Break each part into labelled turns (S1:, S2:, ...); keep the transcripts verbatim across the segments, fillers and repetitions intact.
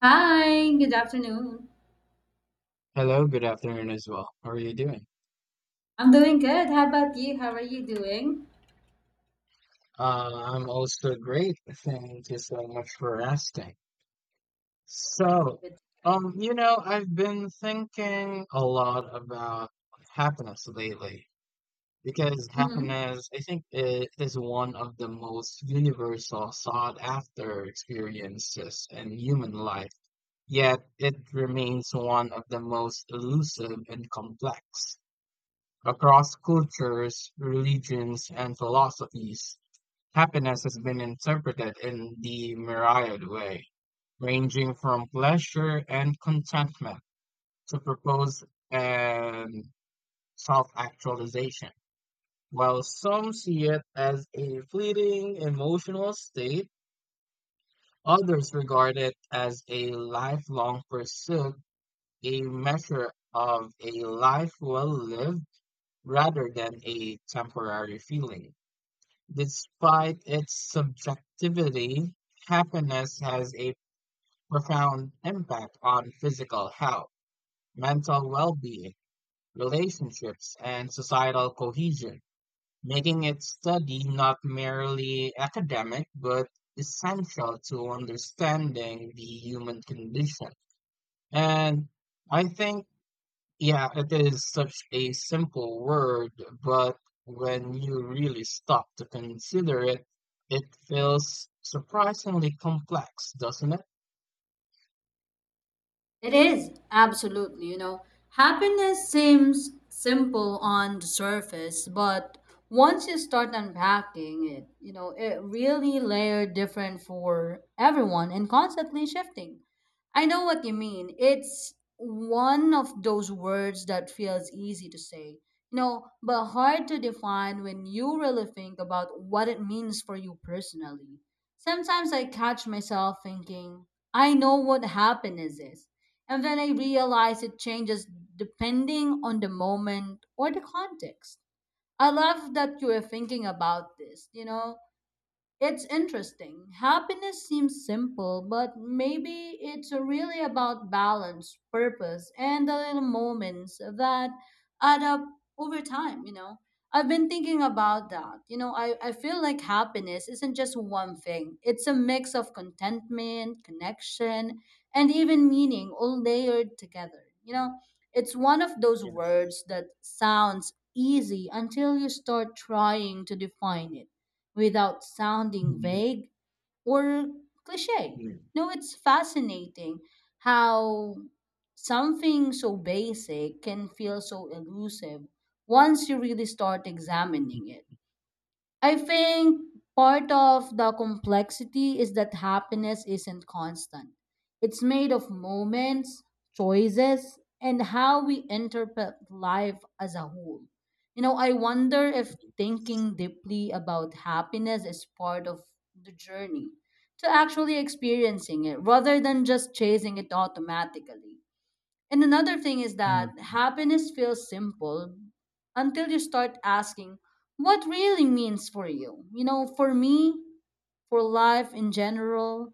S1: Hi, good afternoon.
S2: Hello, good afternoon as well. How are you doing?
S1: I'm doing good. How about you? How are you doing?
S2: Uh, I'm also great. Thank you so much for asking. So,
S1: Good.
S2: um, you know, I've been thinking a lot about happiness lately because
S1: Mm-hmm.
S2: happiness, I think, it is one of the most universal sought after experiences in human life. Yet it remains one of the most elusive and complex across cultures, religions, and philosophies. Happiness has been interpreted in the myriad way, ranging from pleasure and contentment to purpose and self-actualization. While some see it as a fleeting emotional state, others regard it as a lifelong pursuit, a measure of a life well lived rather than a temporary feeling. Despite its subjectivity, happiness has a profound impact on physical health, mental well being, relationships, and societal cohesion, making its study not merely academic but essential to understanding the human condition. And I think, yeah, it is such a simple word, but when you really stop to consider it, it feels surprisingly complex, doesn't it?
S1: It is, absolutely. You know, happiness seems simple on the surface, but once you start unpacking it, you know, it really layer different for everyone and constantly shifting. I know what you mean. It's one of those words that feels easy to say, you know, but hard to define when you really think about what it means for you personally. Sometimes I catch myself thinking, I know what happiness is and then I realized it changes depending on the moment or the context. I love that you are thinking about this, you know, it's interesting. Happiness seems simple, but maybe it's really about balance, purpose, and the little moments that add up over time, you know. I've been thinking about that. You know, I, I feel like happiness isn't just one thing. It's a mix of contentment, connection, and even meaning all layered together. You know, it's one of those
S2: Yes.
S1: words that sounds easy until you start trying to define it without sounding
S2: Mhm.
S1: vague or cliche.
S2: Yeah.
S1: No, it's fascinating how something so basic can feel so elusive once you really start examining it. I think part of the complexity is that happiness isn't constant. It's made of moments, choices, and how we interpret life as a whole. You know, I wonder if thinking deeply about happiness is part of the journey to actually experiencing it rather than just chasing it automatically. And another thing is
S2: Mhm.
S1: that happiness feels simple until you start asking what really means for you. You know, for me, for life in general,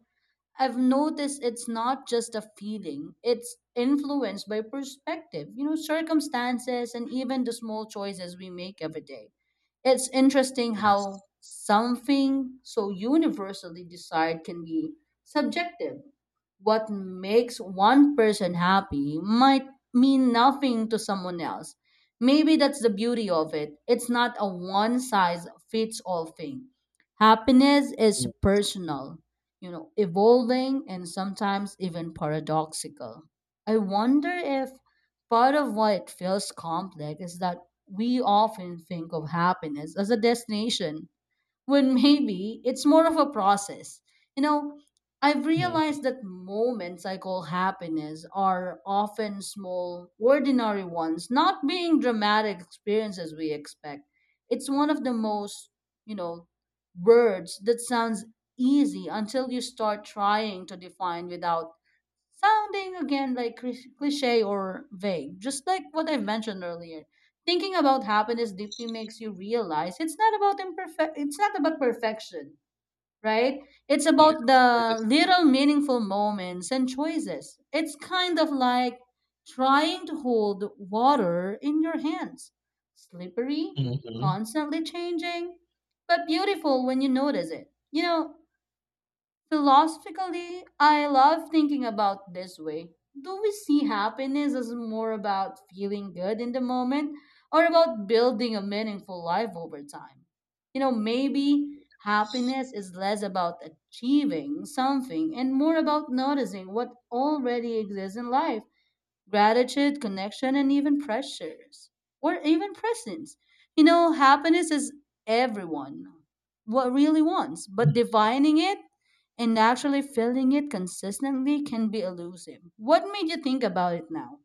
S1: I've noticed it's not just a feeling, it's influenced by perspective, you know, circumstances, and even the small choices we make every day. It's interesting
S2: Yes.
S1: how something so universally desired can be subjective. What makes one person happy might mean nothing to someone else. Maybe that's the beauty of it. It's not a one size fits all thing. Happiness is
S2: Mhm.
S1: personal, you know, evolving and sometimes even paradoxical. I wonder if part of why it feels complex is that we often think of happiness as a destination when maybe it's more of a process. You know, I've
S2: Mhm.
S1: realized that moments I call happiness are often small, ordinary ones, not being dramatic experiences we expect. It's one of the most, you know, words that sounds easy until you start trying to define without sounding again like cri- cliche or vague, just like what I've mentioned earlier. Thinking about happiness deeply makes you realize it's not about imperfect it's not about perfection, right? It's
S2: Yes.
S1: about
S2: That
S1: the
S2: is correct.
S1: little meaningful moments and choices. It's kind of like trying to hold water in your hands. Slippery,
S2: Mhm.
S1: constantly changing, but beautiful when you notice it. You know, Philosophically, I love thinking about this way. Do we see happiness as more about feeling good in the moment or about building a meaningful life over time? You know, maybe happiness is less about achieving something and more about noticing what already exists in life: gratitude, connection, and even pressures, or even presence. You know, happiness is everyone what really wants, but defining it and actually feeling it consistently can be elusive. What made you think about it now?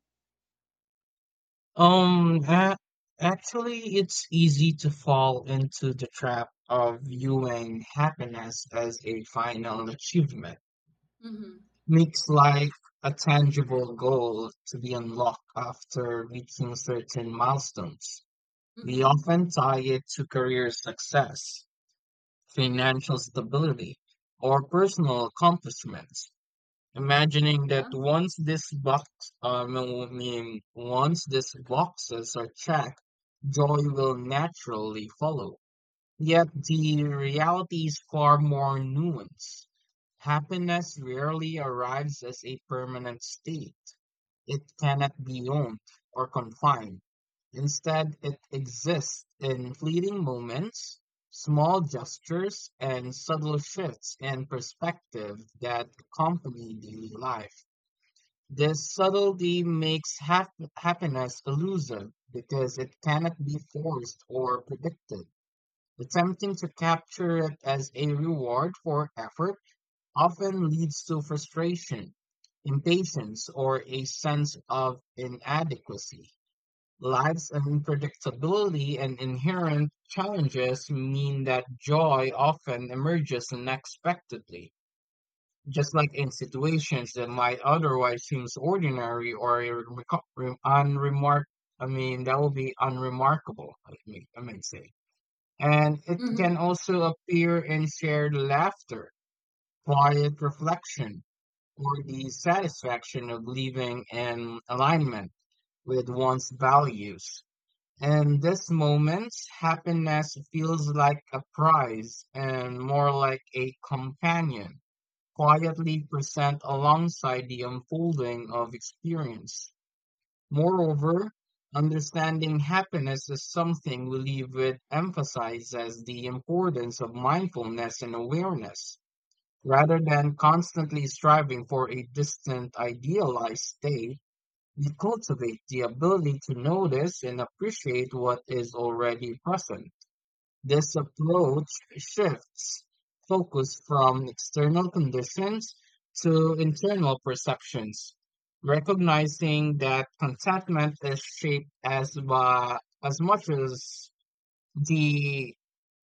S2: Um, a- Actually, it's easy to fall into the trap of viewing happiness as a final achievement.
S1: Mm-hmm.
S2: Makes like a tangible goal to be unlocked after reaching certain milestones. We
S1: Mm-hmm.
S2: often tie it to career success, financial stability, or personal accomplishments, imagining that
S1: Yeah.
S2: once this box, um, I mean, once these boxes are checked, joy will naturally follow. Yet the reality is far more nuanced. Happiness rarely arrives as a permanent state. It cannot be owned or confined. Instead, it exists in fleeting moments, small gestures, and subtle shifts in perspective that accompany daily life. This subtlety makes hap- happiness elusive because it cannot be forced or predicted. Attempting to capture it as a reward for effort often leads to frustration, impatience, or a sense of inadequacy. Life's unpredictability and inherent challenges mean that joy often emerges unexpectedly, just like in situations that might otherwise seem ordinary or irreco- re- unremark. I mean, that would be unremarkable. I mean, I might say And it can also appear in shared laughter, quiet reflection, or the satisfaction of living in alignment with one's values. In these moments, happiness feels like a prize and more like a companion, quietly present alongside the unfolding of experience. Moreover, understanding happiness is something Leavitt emphasizes the importance of mindfulness and awareness. Rather than constantly striving for a distant, idealized state, we cultivate the ability to notice and appreciate what is already present. This approach shifts focus from external conditions to internal perceptions, recognizing that contentment is shaped as, by, as much as the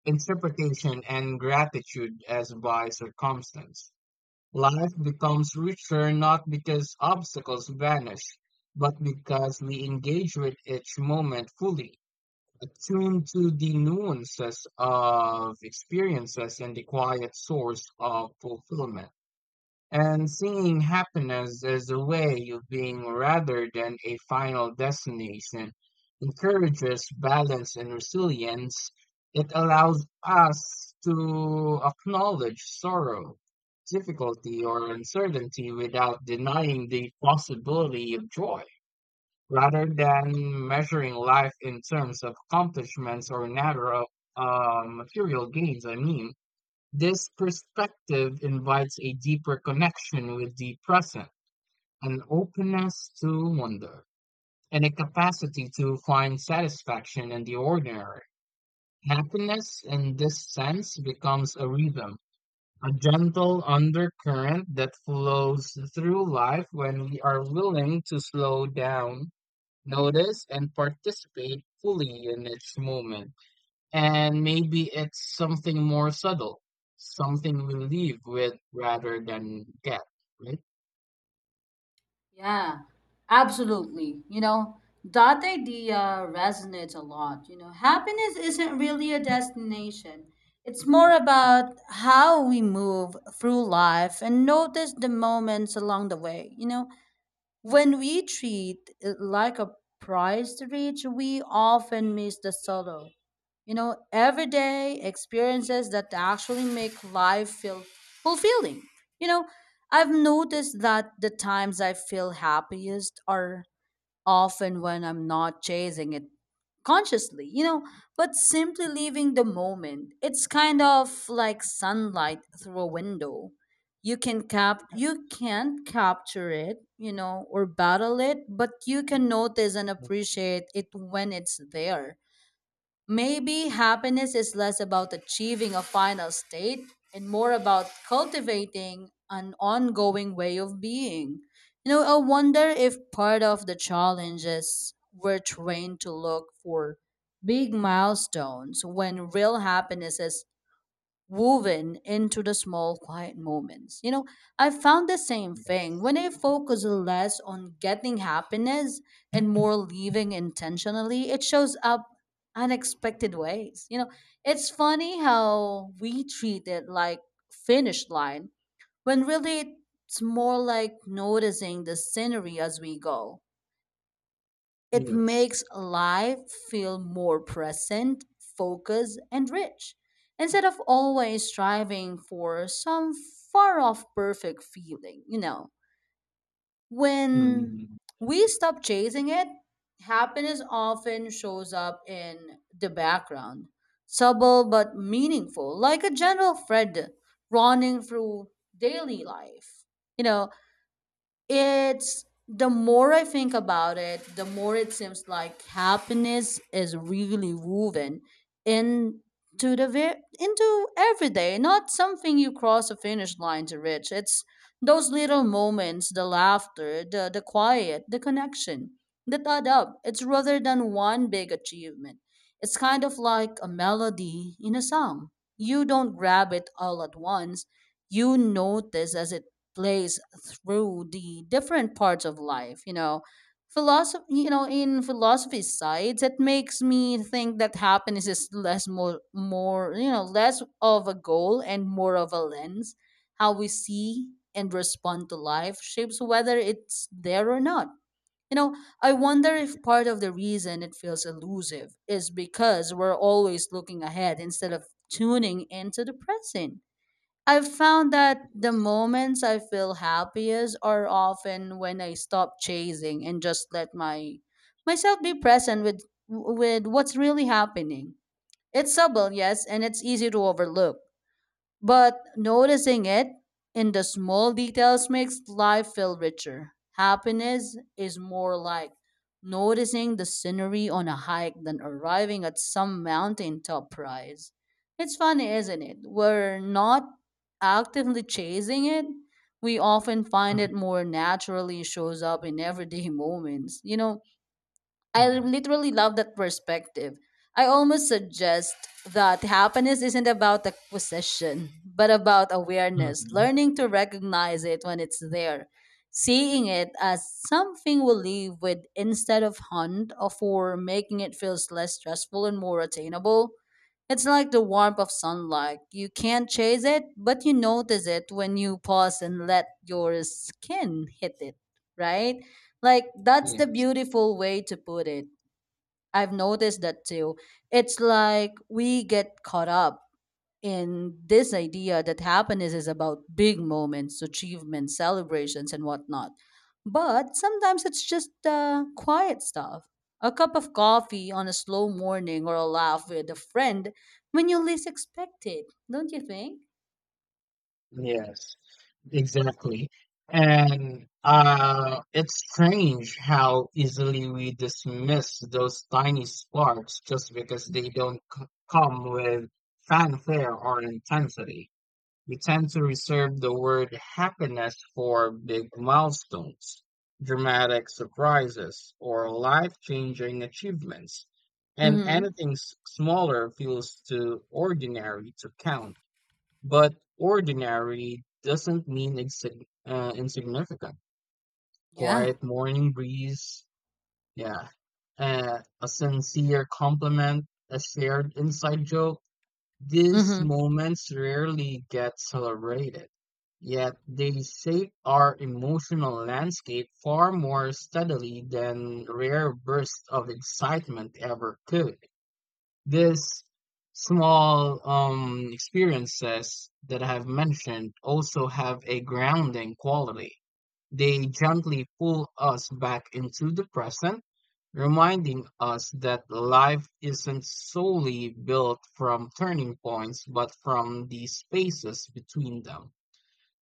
S2: interpretation and gratitude as by circumstance. Life becomes richer not because obstacles vanish, but because we engage with each moment fully attuned to the nuances of experiences and the quiet source of fulfillment. And seeing happiness as a way of being rather than a final destination encourages balance and resilience. It allows us to acknowledge sorrow, difficulty, or uncertainty without denying the possibility of joy rather than measuring life in terms of accomplishments or narrow uh, material gains. I mean, this perspective invites a deeper connection with the present, an openness to wonder, and a capacity to find satisfaction in the ordinary. Happiness in this sense becomes a rhythm, a gentle undercurrent that flows through life when we are willing to slow down notice and participate fully in its moment. And maybe it's something more subtle, something we leave with rather than get, right?
S1: Yeah, absolutely. You know, that idea resonates a lot. You know, happiness isn't really a destination, it's more about how we move through life and notice the moments along the way. You know, when we treat it like a prize to reach, we often miss the solo. You know, everyday experiences that actually make life feel fulfilling. You know, I've noticed that the times I feel happiest are often when I'm not chasing it consciously, you know, but simply leaving the moment. It's kind of like sunlight through a window. You can cap you can't capture it, you know, or battle it, but you can notice and appreciate it when it's there. Maybe happiness is less about achieving a final state and more about cultivating an ongoing way of being. You know, I wonder if part of the challenge is we're trained to look for big milestones when real happiness is woven into the small quiet moments. You know, I found the same thing. When
S2: Yes.
S1: I focus less on getting happiness and more living intentionally, it shows up unexpected ways. You know, it's funny how we treat it like finish line when really it's more like noticing the scenery as we go. It
S2: Yes.
S1: makes life feel more present, focused, and rich, instead of always striving for some far off perfect feeling, you know. When
S2: Hmm.
S1: we stop chasing it, happiness often shows up in the background, subtle but meaningful, like a gentle thread running through daily life. You know, it's the more I think about it, the more it seems like happiness is really woven into the ve- into everyday, not something you cross a finish line to reach. It's those little moments, the laughter, the the quiet, the connection that add up. It's rather than one big achievement. It's kind of like a melody in a song. You don't grab it all at once. You notice as it plays through the different parts of life. You know philosophy you know In philosophy sides, it makes me think that happiness is less more more you know less of a goal and more of a lens. How we see and respond to life shapes whether it's there or not. you know I wonder if part of the reason it feels elusive is because we're always looking ahead instead of tuning into the present. I've found that the
S2: Yes.
S1: moments I feel happiest are often when I stop chasing and just let my myself be present with with what's really happening. It's subtle, yes, and it's easy to overlook, but noticing it in the small details makes life feel richer. Happiness is more like noticing the scenery on a hike than arriving at some mountaintop prize. It's funny, isn't it? We're not actively chasing it. We often find
S2: Uh,
S1: it more naturally shows up in everyday moments. You know, I
S2: yes.
S1: literally love that perspective. I almost suggest that happiness isn't about acquisition, but about awareness,
S2: Mhm.
S1: learning to recognize it when it's there, seeing it as something we live with instead of hunt or for making it feels less stressful and more attainable. It's like the warmth of sunlight. You can't chase it, but you notice it when you pause and let your skin hit it, right? Like that's the
S2: Yes.
S1: beautiful way to put it. I've noticed that too. It's like we get caught up in this idea that happiness is about big moments, achievements, celebrations and whatnot. But sometimes it's just uh, quiet stuff. A cup of coffee on a slow morning or a laugh with a friend when you least expect it, don't you think?
S2: Yes. Exactly. And uh, it's strange how easily we dismiss those tiny sparks just because they don't c- come with fanfare or intensity. We tend to reserve the word happiness for big milestones, dramatic surprises, or life-changing achievements. And
S1: Mm-hmm.
S2: anything s- smaller feels too ordinary to count. But ordinary doesn't mean insig- uh, insignificant.
S1: Yeah.
S2: Quiet morning breeze, yeah, uh, a sincere compliment, a shared inside joke. These
S1: Mm-hmm.
S2: moments rarely get celebrated, yet they shape our emotional landscape far more steadily than rare bursts of excitement ever could. These small um, experiences that I have mentioned also have a grounding quality. They gently pull us back into the present, reminding us that life isn't solely built from turning points, but from the spaces between them.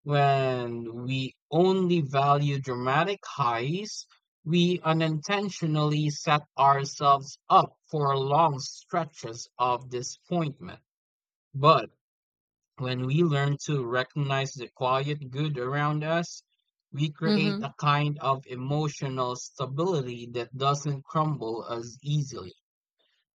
S2: When we only value dramatic highs, we unintentionally set ourselves up for long stretches of disappointment. But when we learn to recognize the quiet good around us, we create
S1: Mm-hmm.
S2: a kind of emotional stability that doesn't crumble as easily.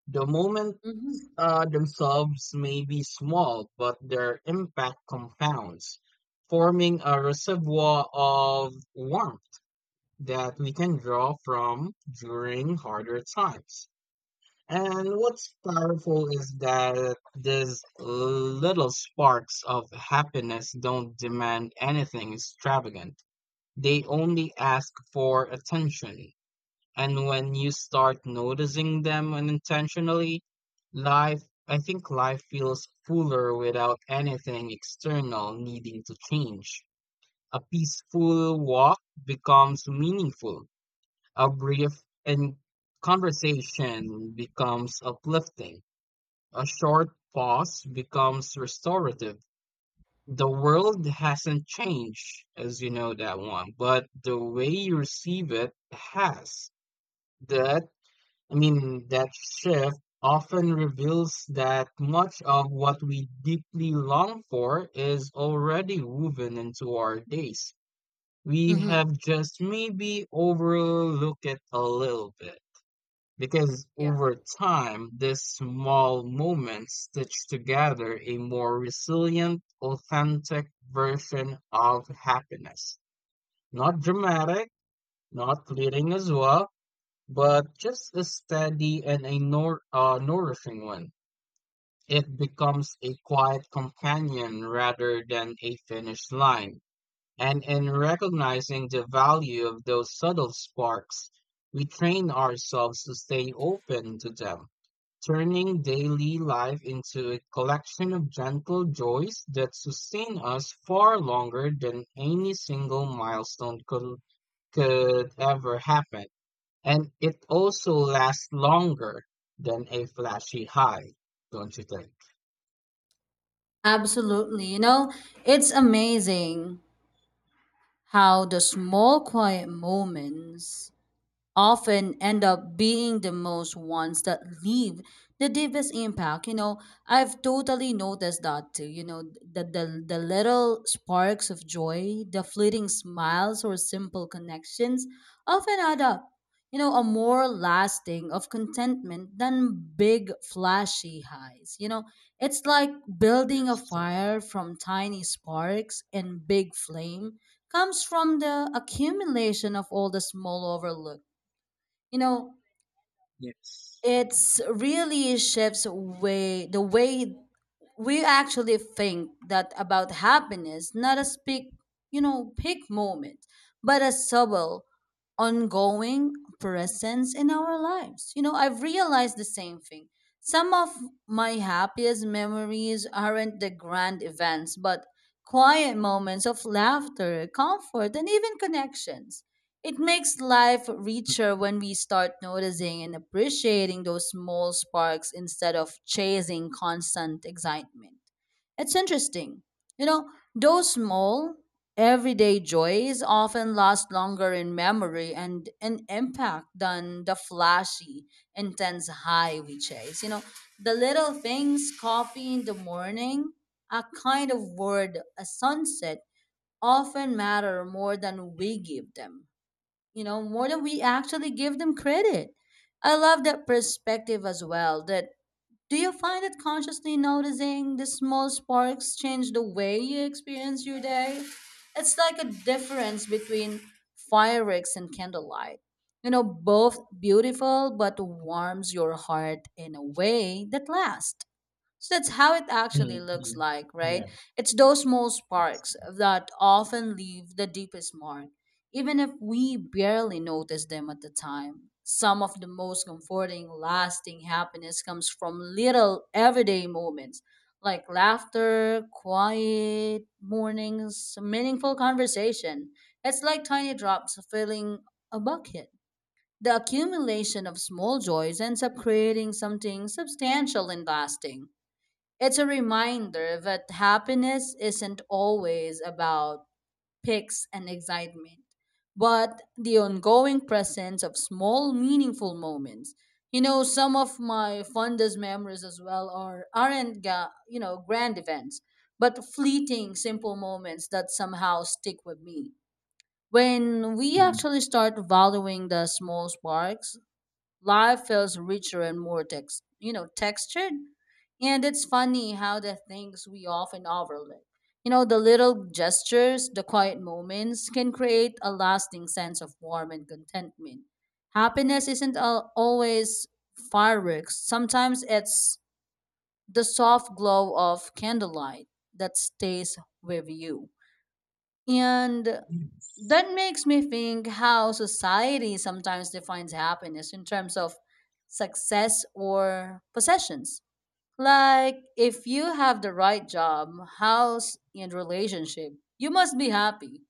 S2: The moment
S1: Mm-hmm.
S2: uh, themselves may be small, but their impact compounds, forming a reservoir of warmth that we can draw from during harder times. And what's powerful is that these little sparks of happiness don't demand anything extravagant. They only ask for attention, and when you start noticing them unintentionally, life, I think life feels fuller without anything external needing to change. A peaceful walk becomes meaningful. A brief and conversation becomes uplifting. A short pause becomes restorative. The world hasn't changed, as you know that one, but the way you receive it has. That I mean, that shift often reveals that much of what we deeply long for is already woven into our days. We
S1: Mm-hmm.
S2: have just maybe overlooked it a little bit. Because
S1: Yeah.
S2: over time, these small moments stitch together a more resilient, authentic version of happiness. Not dramatic, not fleeting as well, but just as steady and a nour- uh, nourishing one. It becomes a quiet companion rather than a finish line. And in recognizing the value of those subtle sparks, we train ourselves to stay open to them, turning daily life into a collection of gentle joys that sustain us far longer than any single milestone could, could ever happen. And it also lasts longer than a flashy high, don't you think?
S1: Absolutely. You know, it's amazing how the small quiet moments often end up being the most ones that leave the deepest impact. you know I've totally noticed that too. You know the, the the little sparks of joy, the fleeting smiles or simple connections often add up, you know a more lasting of contentment than big flashy highs. You know it's like building a
S2: Yes.
S1: fire from tiny sparks, and big flame comes from the accumulation of all the small overlook. you know
S2: Yes.
S1: it's really shifts way the way we actually think that about happiness, not as big, you know big moment, but a subtle, ongoing presence in our lives. you know I've realized the same thing. Some of my happiest memories aren't the grand events but quiet moments of laughter, comfort, and even connections. It makes life richer when we start noticing and appreciating those small sparks instead of chasing constant excitement. It's interesting. You know, those small, everyday joys often last longer in memory and in impact than the flashy, intense high we chase. You know, the little things, coffee in the morning, a kind of word, a sunset, often matter more than we give them you know, more than we actually give them credit. I love that perspective as well. That Do you find that consciously noticing the small sparks change the way you experience your day? It's like a difference between fireworks and candlelight. You know, both beautiful but warms your heart in a way that lasts. So that's how it actually looks
S2: Hmm.
S1: like, right?
S2: Yeah.
S1: It's those small sparks that often leave the deepest mark, even if we barely notice them at the time. Some of the most comforting, lasting happiness comes from little everyday moments like laughter, quiet mornings, meaningful conversation. It's like tiny drops filling a bucket. The accumulation of small joys ends up creating something substantial and lasting. It's a reminder that happiness isn't always about pics and excitement, but the ongoing presence of small, meaningful moments. You know, some of my fondest memories as well are aren't ga- you know grand events, but fleeting, simple moments that somehow stick with me. When we
S2: Mm.
S1: actually start valuing the small sparks, life feels richer and more text, you know, textured. And it's funny how the things we often overlook, you know, the little gestures, the quiet moments can create a lasting sense of warmth and contentment. Happiness isn't al- always fireworks. Sometimes it's the soft glow of candlelight that stays with you. And that makes me think how society sometimes defines happiness in terms of success or possessions. Like, if you have the right job, house, and relationship, you must be happy.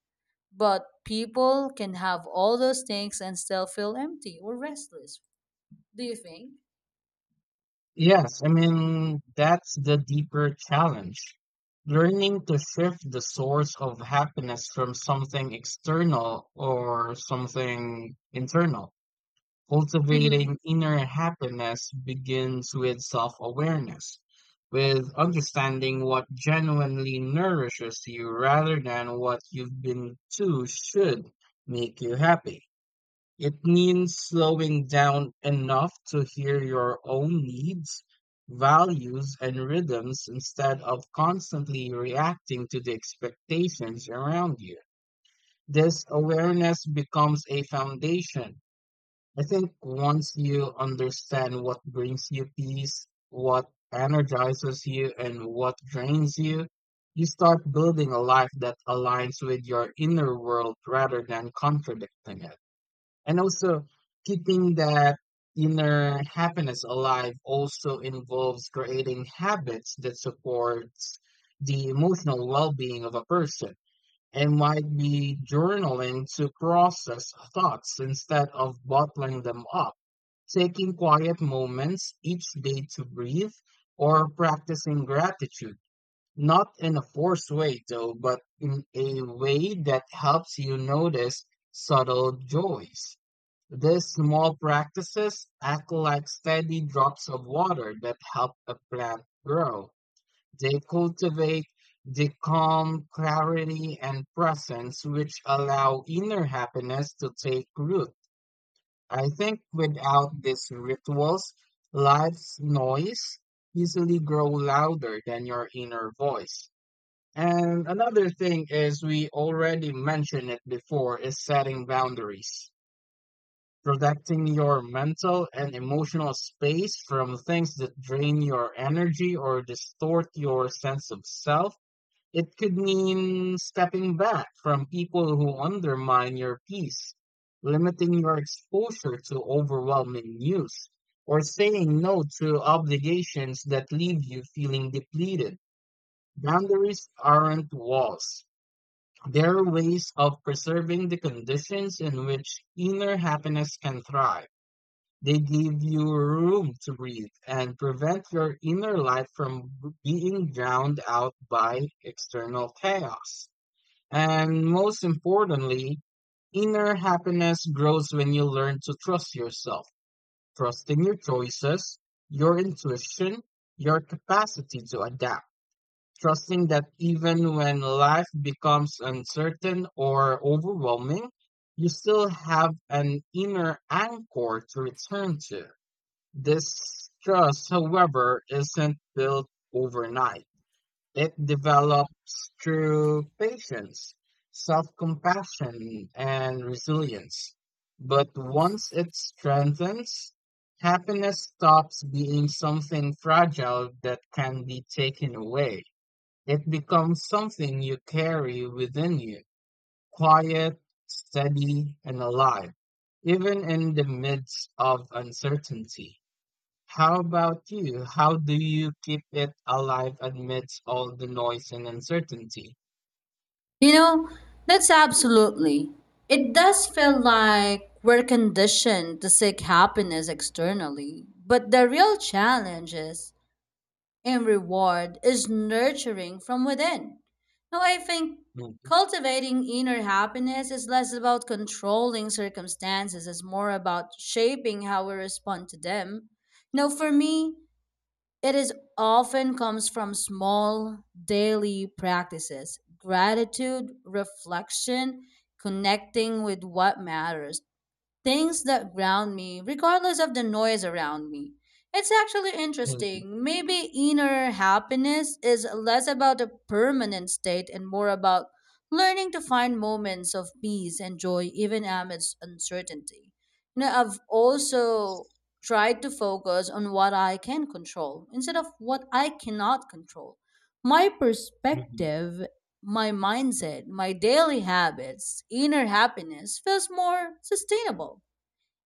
S1: But people can have all those things and still feel empty or restless. Do you think?
S2: Yes, I mean, that's the deeper challenge. Learning to shift the source of happiness from something external or something internal.
S1: Mm-hmm.
S2: Cultivating inner happiness begins with self awareness, with understanding what genuinely nourishes you rather than what you've been to should make you happy. It means slowing down enough to hear your own needs, values, and rhythms instead of constantly reacting to the expectations around you. This awareness becomes a foundation. I think once you understand what brings you peace, what energizes you, and what drains you, you start building a life that aligns with your inner world rather than contradicting it. And also, keeping that inner happiness alive also involves creating habits that supports the emotional well-being of a person and might be journaling to process thoughts instead of bottling them up, taking quiet moments each day to breathe, or practicing gratitude. Not in a forced way, though, but in a way that helps you notice subtle joys. These small practices act like steady drops of water that help a plant grow. They cultivate the calm, clarity, and presence which allow inner happiness to take root. I think without these rituals, life's noise easily grow louder than your inner voice. And another thing is we already mentioned it before is setting boundaries. Protecting your mental and emotional space from things that drain your energy or distort your sense of self, it could mean stepping back from people who undermine your peace, limiting your exposure to overwhelming news, or saying no to obligations that leave you feeling depleted. Boundaries aren't walls. They're ways of preserving the conditions in which inner happiness can thrive. They give you room to breathe and prevent your inner life from being drowned out by external chaos. And most importantly, inner happiness grows when you learn to trust yourself, trusting your choices, your intuition, your capacity to adapt, trusting that even when life becomes uncertain or overwhelming, you still have an inner anchor to return to. This trust, however, isn't built overnight. It develops through patience, self-compassion, and resilience. But once it strengthens, happiness stops being something fragile that can be taken away. It becomes something you carry within you, quiet, steady, and alive, even in the midst of uncertainty. How about you? How do you keep it alive amidst all the noise and uncertainty?
S1: You know, that's absolutely. It does feel like we're conditioned to seek happiness externally, but the real challenge is and reward is nurturing from within. Now, I think
S2: Mhm.
S1: cultivating inner happiness is less about controlling circumstances, it's more about shaping how we respond to them. Now, for me, it is often comes from small daily practices, gratitude, reflection, connecting with what matters, things that ground me, regardless of the noise around me. It's actually
S2: Mhm.
S1: interesting. Maybe inner happiness is less about a permanent state and more about learning to find moments of peace and joy even amidst uncertainty. You know, I've also tried to focus on what I can control instead of what I cannot control. My
S2: Mhm.
S1: perspective, my mindset, my daily habits, inner happiness feels more sustainable.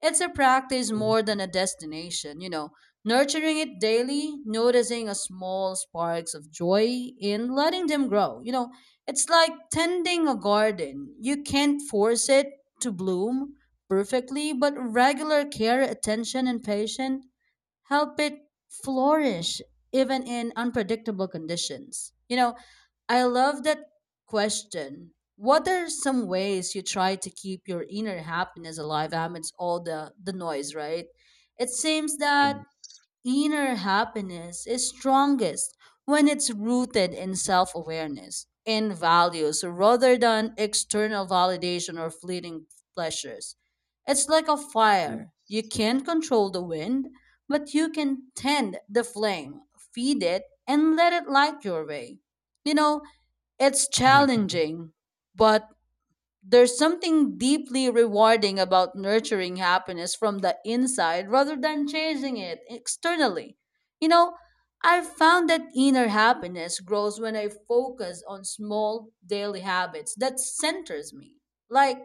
S1: It's a practice
S2: Mhm.
S1: more
S2: Yes.
S1: than a destination, you know, nurturing it daily, noticing a small sparks of joy in letting them grow. You know, it's like tending a garden. You can't force it to bloom perfectly, but regular care, attention, and patience help it flourish even in unpredictable conditions. You know, I love that question. What are some ways you try to keep your inner happiness alive amidst all the, the noise, right? It seems that inner happiness is strongest when it's rooted in self awareness, in values, rather than external validation or fleeting pleasures. It's like a fire. You can't control the wind, but you can tend the flame, feed it, and let it light your way. You know, it's
S2: Mhm. Mhm.
S1: challenging, but there's something deeply rewarding about nurturing happiness from the inside rather than chasing it externally. You know, I've found that inner happiness grows when I focus on small daily habits that centers me. Like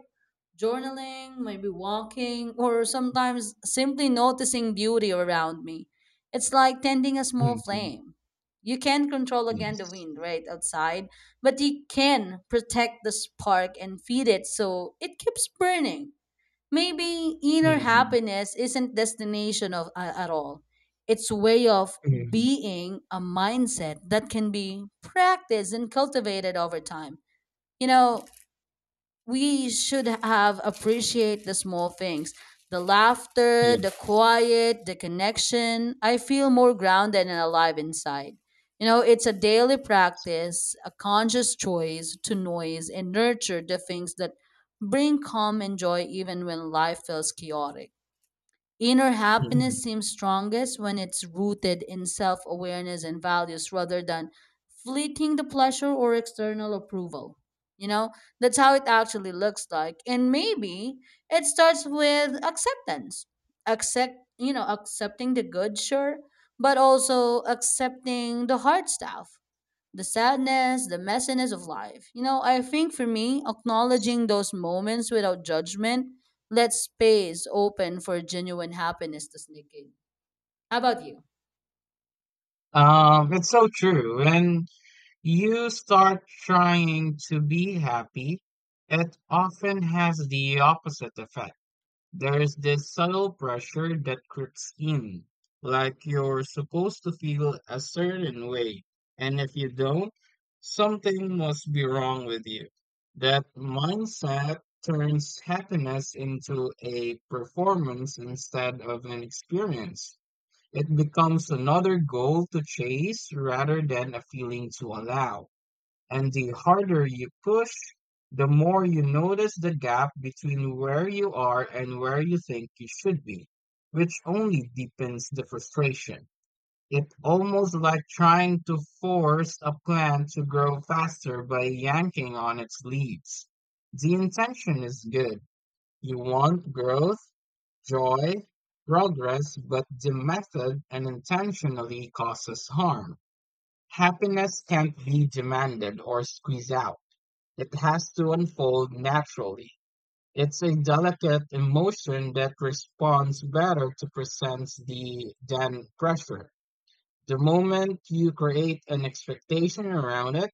S1: journaling, maybe walking, or sometimes simply noticing beauty around me. It's like tending a small
S2: Mhm.
S1: flame. You can't control again the
S2: Yes.
S1: wind right outside, but you can protect the spark and feed it so it keeps burning. Maybe inner
S2: Mhm.
S1: happiness isn't destination of a- at all. It's way of
S2: Mhm.
S1: being a mindset that can be practiced and cultivated over time. You know, we should have appreciate the small things, the laughter, the
S2: Yes.
S1: quiet, the connection. I feel more grounded and alive inside. You know, it's a daily practice, a conscious choice to noise and nurture the things that bring calm and joy even when life feels chaotic. Inner
S2: Mhm.
S1: happiness seems strongest when it's rooted in self awareness and values rather than fleeting the pleasure or external approval. You know, that's how it actually looks like. And maybe it starts with acceptance. Accept, you know, accepting the good, sure, but also accepting the hard stuff, the sadness, the messiness of life. You know, I think for me, acknowledging those moments without judgment lets space open for genuine happiness to sneak in. How about you?
S2: Um, it's so true. When you start trying to be happy, it often has the opposite effect. There's this subtle pressure that creeps in, like you're supposed to feel a certain way, and if you don't, something must be wrong with you. That mindset turns happiness into a performance instead of an experience. It becomes another goal to chase rather than a feeling to allow. And the harder you push, the more you notice the gap between where you are and where you think you should be, which only deepens the frustration. It's almost like trying to force a plant to grow faster by yanking on its leaves. The intention is good. You want growth, joy, progress, but the method unintentionally causes harm. Happiness can't be demanded or squeezed out. It has to unfold naturally. It's a delicate emotion that responds better to presents the than pressure. The moment you create an expectation around it,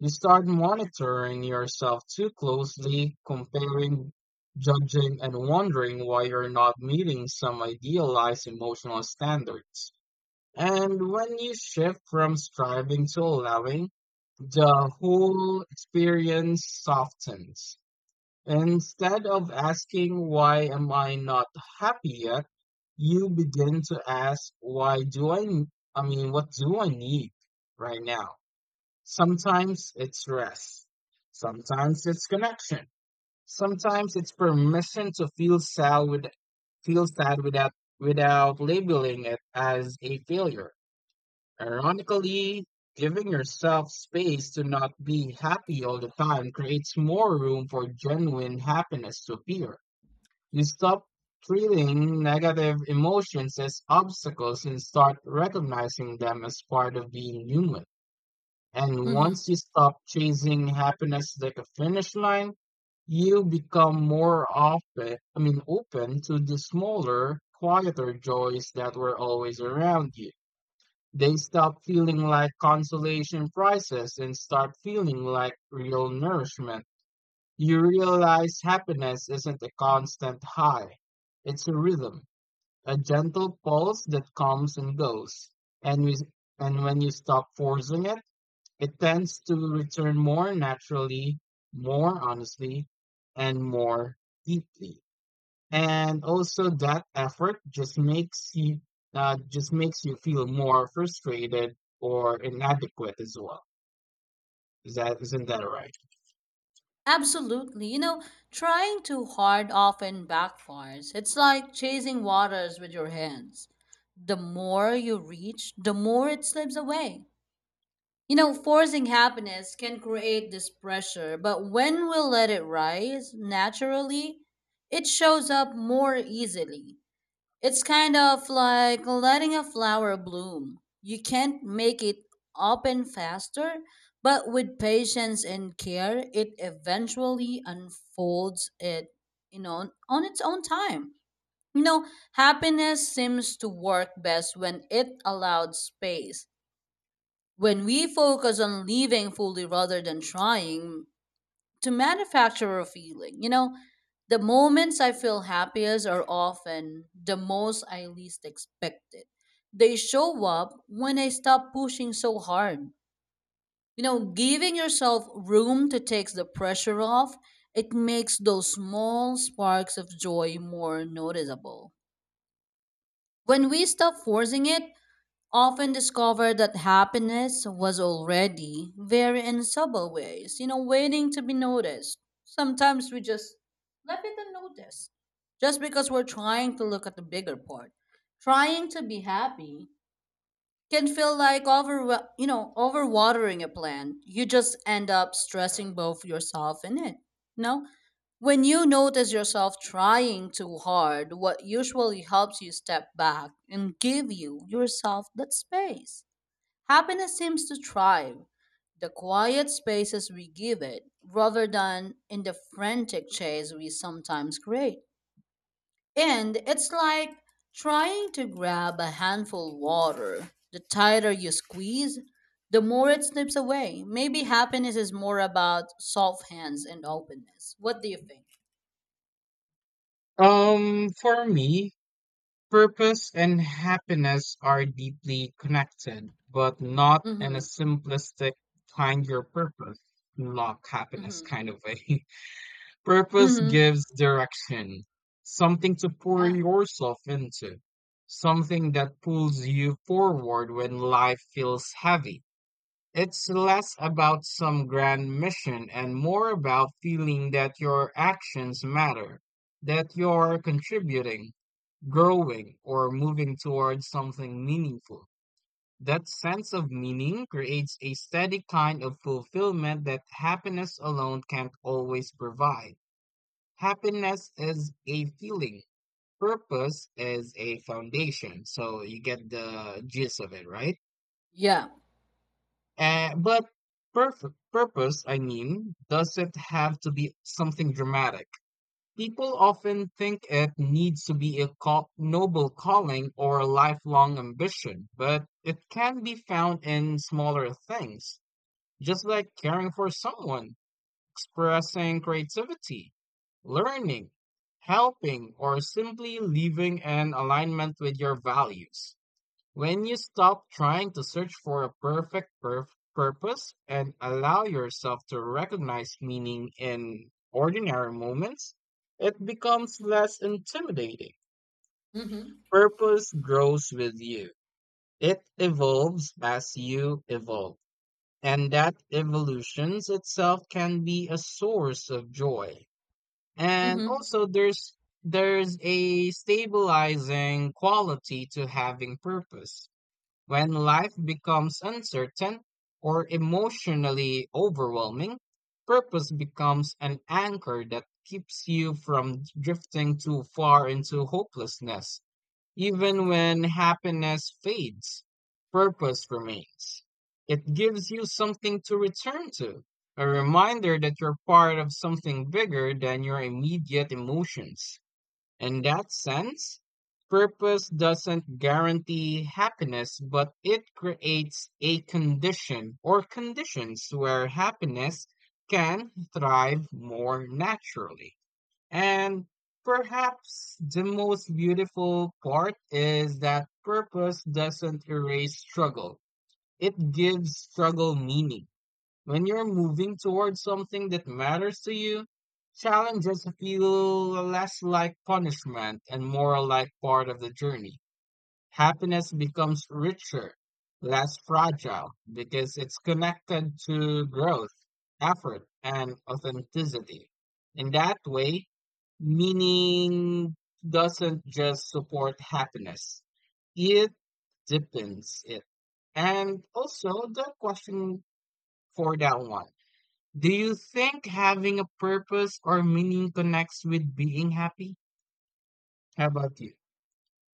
S2: you start monitoring yourself too closely, comparing, judging, and wondering why you're not meeting some idealized emotional standards. And when you shift from striving to allowing, the whole experience softens. Instead of asking, why am I not happy yet? You begin to ask, why do I, n- I mean, what do I need right now? Sometimes it's rest. Sometimes it's connection. Sometimes it's permission to feel sad with, feel sad without, without labeling it as a failure. Ironically, giving yourself space to not be happy all the time creates more room for genuine happiness to appear. You stop treating negative emotions as obstacles and start recognizing them as part of being human. And
S1: Mm-hmm.
S2: once you stop chasing happiness like a finish line, you become more often, I mean, open to the smaller, quieter joys that were always around you. They stop feeling like consolation prizes and start feeling like real nourishment. You realize happiness isn't a constant high. It's a rhythm, a gentle pulse that comes and goes. And we, and when you stop forcing it, it tends to return more naturally, more honestly, and more deeply, and also that effort just makes you uh, just makes you feel more frustrated or inadequate as well. Is that isn't that right?
S1: Absolutely. You know, trying too hard often backfires. It's like chasing waters with your hands. The more you reach, the more it slips away. You know, forcing happiness can create this pressure, but when we let it rise naturally, it shows up more easily. It's kind of like letting a flower bloom. You can't make it open faster, but with patience and care, it eventually unfolds it, you know, on on its own time. You know, happiness seems to work best when it allowed space, when we focus on living fully rather than trying to manufacture a feeling. You know, the moments I feel happiest are often the most I least expect it. They show up when I stop pushing so hard. You know, giving yourself room to take the pressure off, it makes those small sparks of joy more noticeable. When we stop forcing it, often discovered that happiness was already there in subtle ways, you know, waiting to be noticed. Sometimes we just let it unnoticed just because we're trying to look at the bigger part. Trying to be happy can feel like over you know overwatering a plant. You just end up stressing both yourself and it. You when you notice yourself trying too hard, what usually helps you step back and give you yourself that space. Happiness seems to thrive the quiet spaces we give it rather than in the frantic chase we sometimes create. And it's like trying to grab a handful of water. The tighter you squeeze, the more it slips away. Maybe happiness is more about soft hands and openness. What do you think?
S2: Um, for me, purpose and happiness are deeply connected, but not in a
S1: Mm-hmm.
S2: simplistic find your purpose, unlock happiness
S1: Mm-hmm.
S2: kind of way. Purpose
S1: Mm-hmm.
S2: gives direction, something to pour
S1: Yeah.
S2: yourself into, something that pulls you forward when life feels heavy. It's less about some grand mission and more about feeling that your actions matter, that you're contributing, growing, or moving towards something meaningful. That sense of meaning creates a steady kind of fulfillment that happiness alone can't always provide. Happiness is a feeling, purpose is a foundation. So you get the gist of it, right?
S1: Yeah.
S2: Uh, but perf- purpose, I mean, doesn't have to be something dramatic. People often think it needs to be a call- noble calling or a lifelong ambition, but it can be found in smaller things, just like caring for someone, expressing creativity, learning, helping, or simply living in alignment with your values. When you stop trying to search for a perfect perf- purpose and allow yourself to recognize meaning in ordinary moments, it becomes less intimidating.
S1: Mm-hmm.
S2: Purpose grows with you. It evolves as you evolve, and that evolution itself can be a source of joy. And
S1: Mm-hmm.
S2: also there's there's a stabilizing quality to having purpose. When life becomes uncertain or emotionally overwhelming, purpose becomes an anchor that keeps you from drifting too far into hopelessness. Even when happiness fades, purpose remains. It gives you something to return to, a reminder that you're part of something bigger than your immediate emotions. In that sense, purpose doesn't guarantee happiness, but it creates a condition or conditions where happiness can thrive more naturally. And perhaps the most beautiful part is that purpose doesn't erase struggle. It gives struggle meaning. When you're moving towards something that matters to you, challenges feel less like punishment and more like part of the journey. Happiness becomes richer, less fragile, because it's connected to growth, effort, and authenticity. In that way, meaning doesn't just support happiness, it deepens it. And also, the question for that one, do you think having a purpose or meaning connects with being happy? How about you?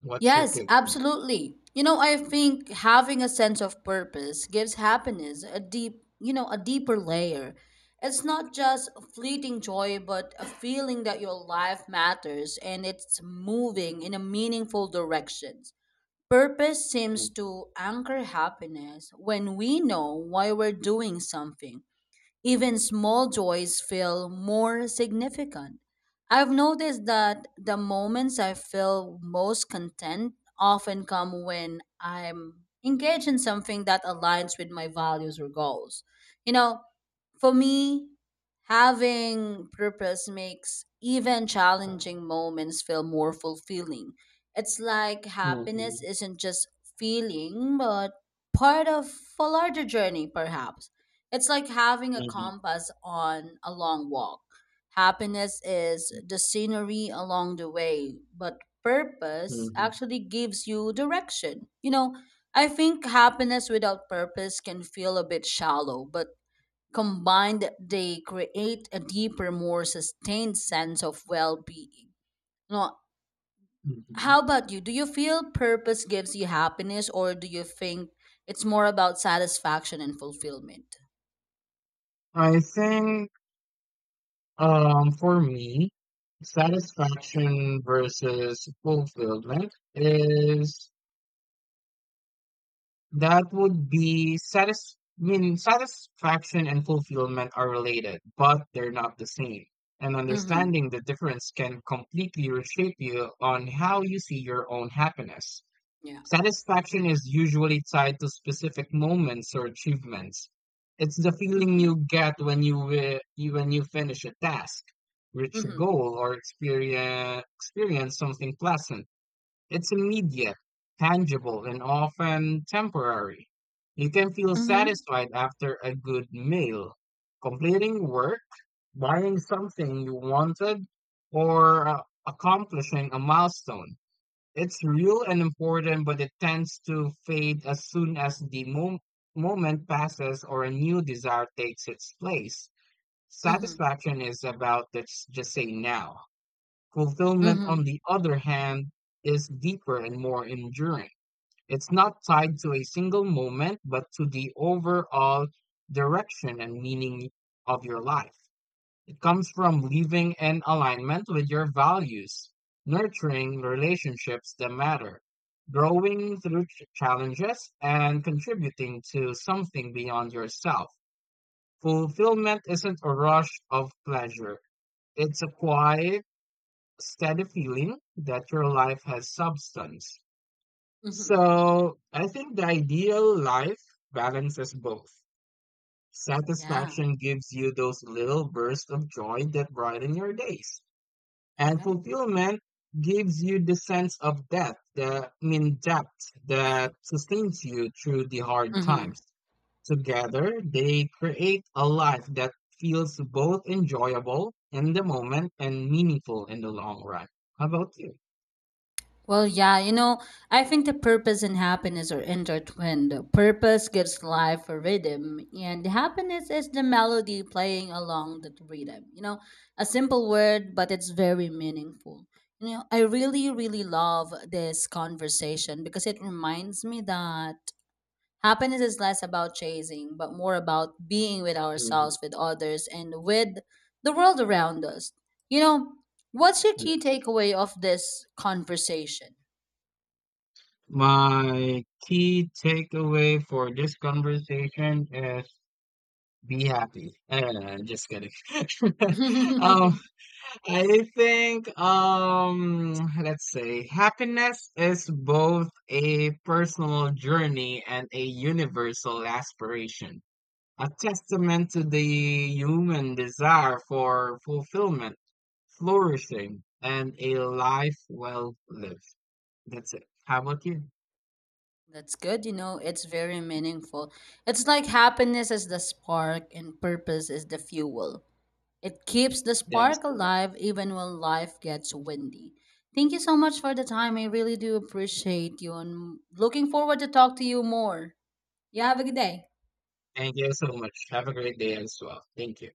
S2: What's your
S1: Yes,
S2: take on
S1: absolutely. You know, I think having a sense of purpose gives happiness a deep, you know, a deeper layer. It's not just fleeting joy, but a feeling that your life matters and it's moving in a meaningful direction. Purpose
S2: that?
S1: seems to anchor happiness when we know why we're doing something. Even small joys feel more significant. I've noticed that the moments I feel most content often come when I'm engaged in something that aligns with my values or goals. You know, for me, having purpose makes even challenging moments feel more fulfilling. It's like
S2: Mhm, mhm,
S1: happiness isn't just feeling, but part of a larger journey, perhaps. It's like having a
S2: mhm.
S1: compass on a long walk. Happiness is the scenery along the way, but purpose
S2: Mhm,
S1: actually gives you direction. You know, I think happiness without purpose can feel a bit shallow, but combined, they create a deeper, more sustained sense of well being.
S2: mhm.
S1: How about you? Do you feel purpose gives you happiness, or do you think it's more about satisfaction and fulfillment?
S2: I think um, for me, satisfaction versus fulfillment is that would be satis I mean satisfaction and fulfillment are related, but they're not the same. And
S1: Mm-hmm.
S2: understanding the difference can completely reshape you on how you see your own happiness.
S1: Yeah.
S2: Satisfaction is usually tied to specific moments or achievements. It's the feeling
S1: Mm-hmm.
S2: you get when you wi- you- when you finish a task, reach a
S1: Mm-hmm.
S2: goal, or experience experience something pleasant. It's immediate, tangible, and often temporary. You can feel
S1: Mm-hmm.
S2: satisfied after a good meal, completing work, buying something you wanted, or uh, accomplishing a milestone. It's real and important, but it tends to fade as soon as the mo- moment passes or a new desire takes its place.
S1: Mm-hmm.
S2: Satisfaction is about the us just say now. Fulfillment,
S1: Mm-hmm.
S2: on the other hand, is deeper and more enduring. It's not tied to a single moment, but to the overall direction and meaning of your life. It comes from living in alignment with your values, nurturing relationships that matter, growing through ch- challenges, and contributing to something beyond yourself. Fulfillment isn't a rush of pleasure, it's a quiet, steady feeling that your life has substance.
S1: Mm-hmm.
S2: So, I think the ideal life balances both.
S1: Yeah.
S2: Satisfaction gives you those little bursts of joy that brighten your days. And
S1: Correct.
S2: fulfillment gives you the sense of depth, the I mean depth that sustains you through the hard
S1: Mm-hmm.
S2: times. Together, they create a life that feels both enjoyable in the moment and meaningful in the long run. How about you?
S1: Well, yeah, you know, I think the purpose and happiness are intertwined. Purpose gives life a rhythm, and happiness is the melody playing along that rhythm. You know, a simple word, but it's very meaningful. You know, I really, really love this conversation because it reminds me that happiness is less about chasing, but more about being with
S2: Mhm.
S1: ourselves, with others, and with the world around us. You know, what's your key
S2: Yes.
S1: takeaway of this conversation?
S2: My key takeaway for this conversation is be happy. Uh, just kidding. um, I think um let's say happiness is both a personal journey and a universal aspiration, a testament to the human desire for fulfillment, flourishing, and a life well lived. That's it. How about you?
S1: That's good. You know, it's very meaningful. It's like happiness is the spark and purpose is the fuel. It keeps the
S2: That is
S1: spark
S2: correct.
S1: alive even when life gets windy. Thank you so much for the time. I really do appreciate you and looking forward to talk to you more. You have a good day.
S2: Thank you so much. Have a great day as well. Thank you.